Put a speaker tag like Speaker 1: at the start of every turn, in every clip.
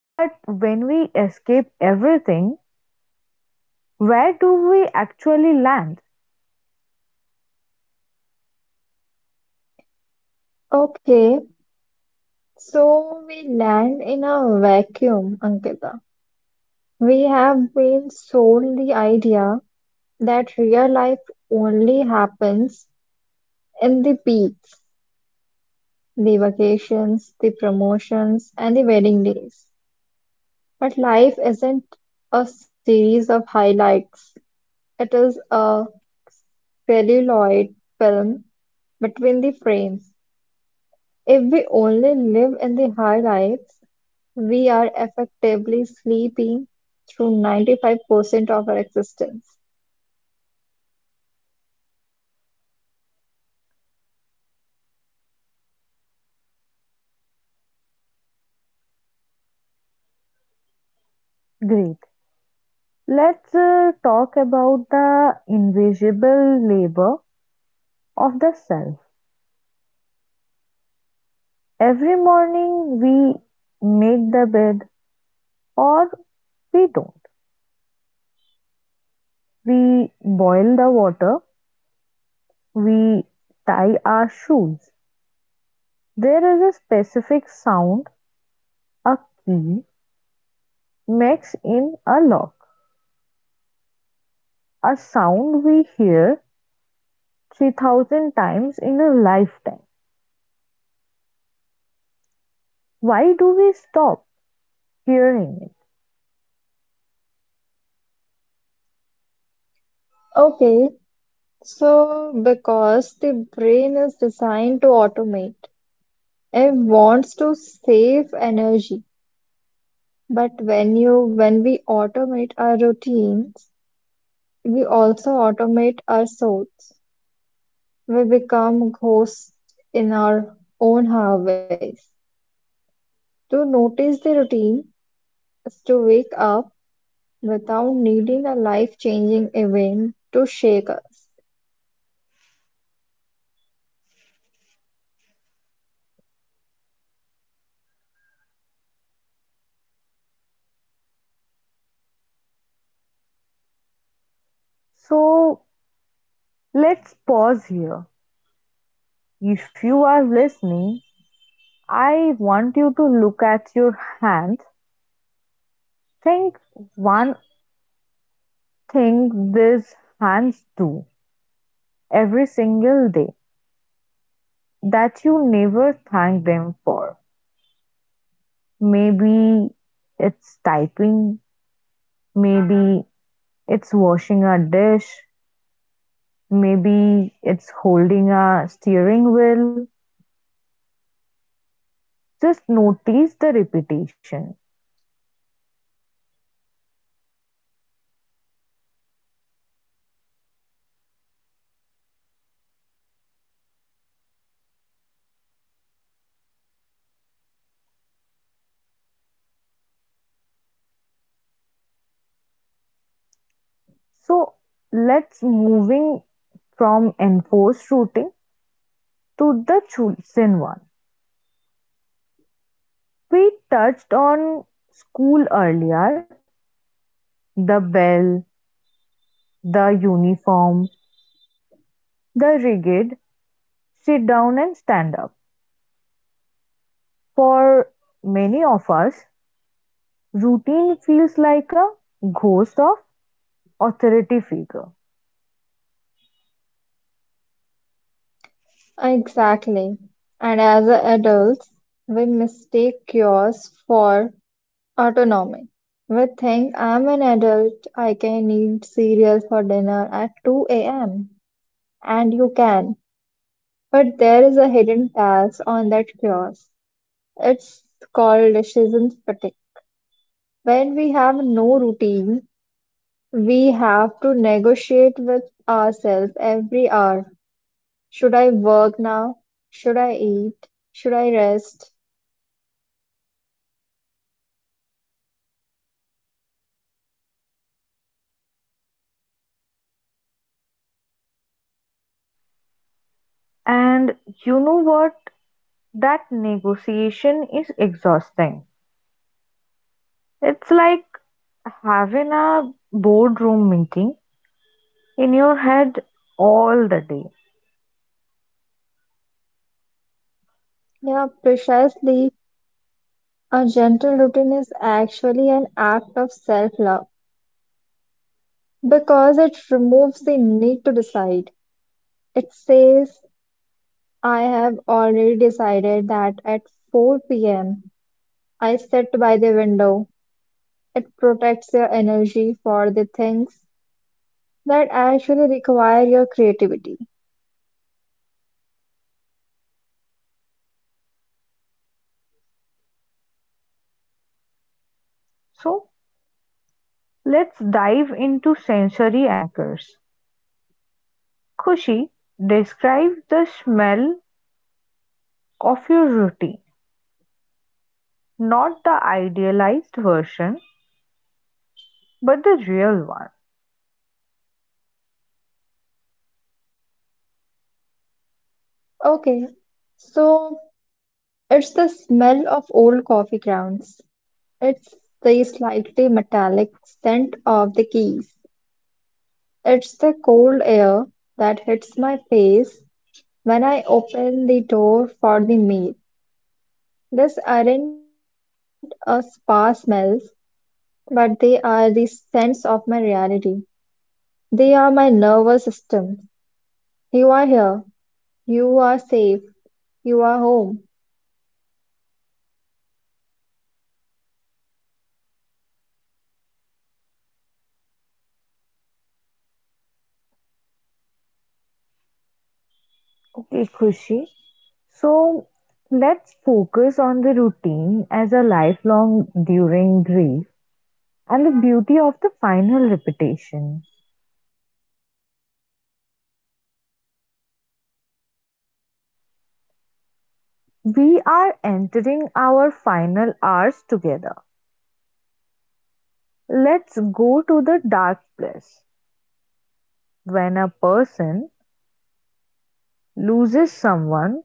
Speaker 1: But when we escape everything, where do we actually land?
Speaker 2: Okay, so we land in a vacuum, Ankita. We have been sold the idea that real life only happens in the peaks, the vacations, the promotions, and the wedding days. But life isn't a series of highlights, it is a celluloid film between the frames. If we only live in the highlights, we are effectively sleeping through 95% of our existence.
Speaker 1: Great. Let's talk about the invisible labor of the self. Every morning we make the bed or we don't. We boil the water, we tie our shoes. There is a specific sound a key makes in a lock, a sound we hear 3,000 times in a lifetime. Why do we stop hearing it?
Speaker 2: Okay, so because the brain is designed to automate, it wants to save energy. But when we automate our routines, we also automate our souls. We become ghosts in our own highways. To notice the routine is to wake up without needing a life-changing event to shake us.
Speaker 1: So let's pause here. If you are listening, I want you to look at your hands. Think one thing these hands do every single day that you never thank them for. Maybe it's typing, maybe it's washing a dish, maybe it's holding a steering wheel. Just notice the repetition. So let's moving from enforced routing to the chosen one. We touched on school earlier, the bell, the uniform, the rigid sit down and stand up. For many of us, routine feels like a ghost of authority figure.
Speaker 2: Exactly. And as adults, we mistake cures for autonomy. We think I'm an adult, I can eat cereal for dinner at 2 a.m. And you can. But there is a hidden tax on that chaos. It's called decision fatigue. When we have no routine, we have to negotiate with ourselves every hour. Should I work now? Should I eat? Should I rest?
Speaker 1: And you know what? That negotiation is exhausting. It's like having a boardroom meeting in your head all the day.
Speaker 2: Yeah, precisely. A gentle routine is actually an act of self-love because it removes the need to decide. It says, I have already decided that at 4 p.m. I sit by the window. It protects your energy for the things that actually require your creativity.
Speaker 1: So let's dive into sensory anchors. Kushi, describe the smell of your routine, not the idealized version, but the real one.
Speaker 2: Okay, so it's the smell of old coffee grounds. It's the slightly metallic scent of the keys. It's the cold air that hits my face when I open the door for the meal. These aren't a spa smells, but they are the scents of my reality. They are my nervous system. You are here. You are safe. You are home.
Speaker 1: Okay, Kushi. So let's focus on the routine as a lifelong during grief and the beauty of the final repetition. We are entering our final hours together. Let's go to the dark place when a person loses someone,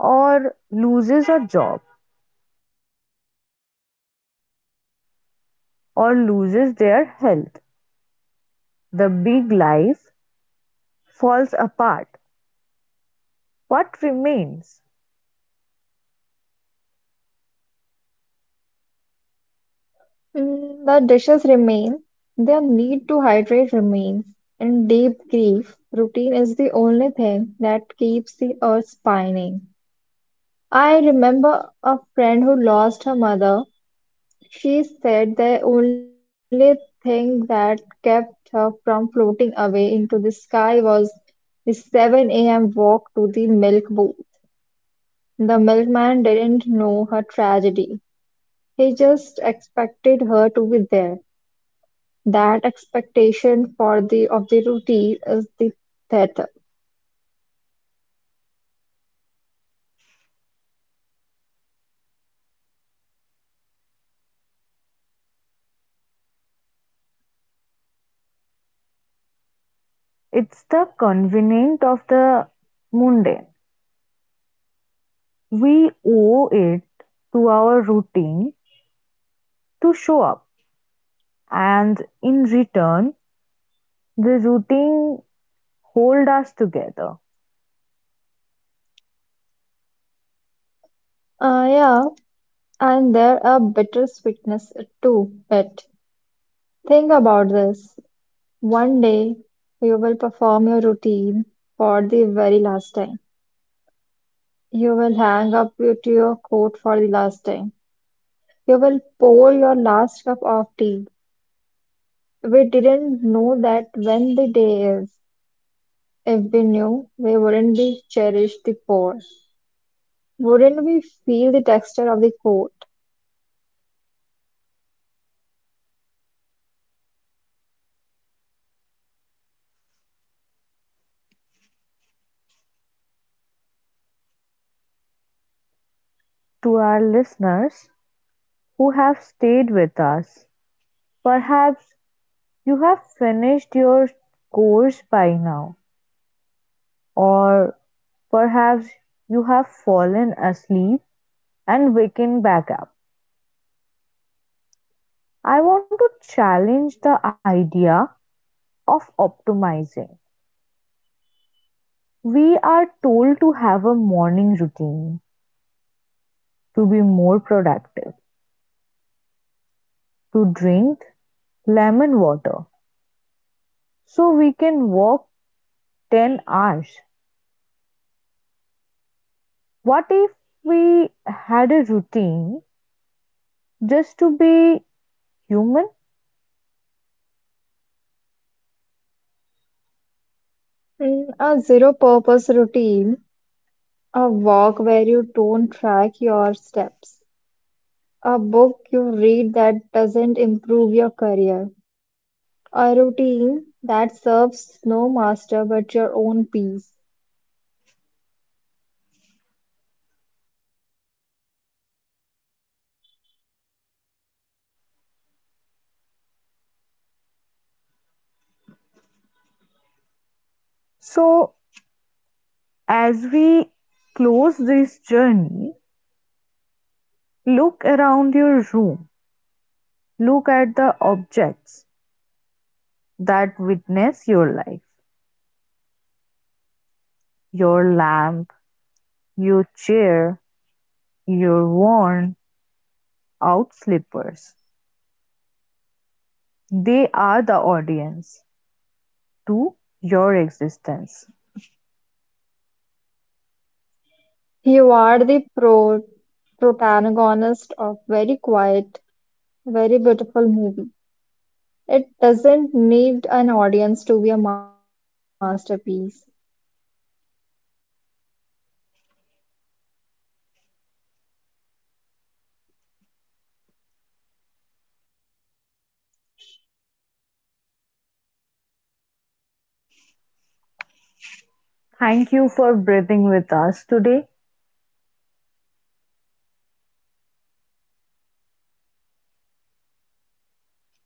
Speaker 1: or loses a job, or loses their health. The big life falls apart. What remains?
Speaker 2: Mm, the dishes remain, their need to hydrate remains. In deep grief, routine is the only thing that keeps the earth spinning. I remember a friend who lost her mother. She said the only thing that kept her from floating away into the sky was the 7 a.m. walk to the milk booth. The milkman didn't know her tragedy. He just expected her to be there. That expectation for the of the routine is the theater.
Speaker 1: It's the convenient of the mundane. We owe it to our routine to show up, and in return, the routine hold us together.
Speaker 2: Yeah, and there a bitter sweetness to it. Think about this. One day you will perform your routine for the very last time. You will hang up your- to your coat for the last time. You will pour your last cup of tea. We didn't know that when the day is. If we knew, we wouldn't be cherish the pour. Wouldn't we feel the texture of the coat?
Speaker 1: To our listeners who have stayed with us, perhaps you have finished your course by now, or perhaps you have fallen asleep and waken back up. I want to challenge the idea of optimizing. We are told to have a morning routine, to be more productive, to drink lemon water so we can walk 10 hours. What if we had a routine just to be human?
Speaker 2: In a zero-purpose routine, a walk where you don't track your steps, a book you read that doesn't improve your career, a routine that serves no master but your own peace.
Speaker 1: So, as we close this journey, look around your room, look at the objects that witness your life, your lamp, your chair, your worn out slippers. They are the audience to your existence.
Speaker 2: You are the protagonist of very quiet, very beautiful movie. It doesn't need an audience to be a masterpiece.
Speaker 1: Thank you for breathing with us today.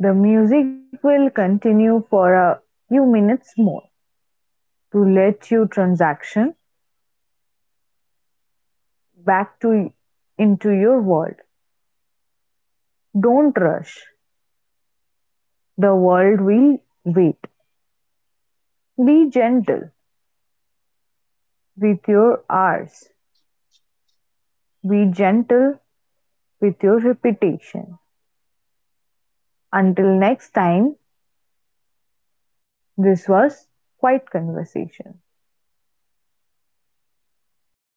Speaker 1: The music will continue for a few minutes more, to let you transition back to into your world. Don't rush. The world will wait. Be gentle with your hours. Be gentle with your repetition. Until next time, this was Quiet Conversation.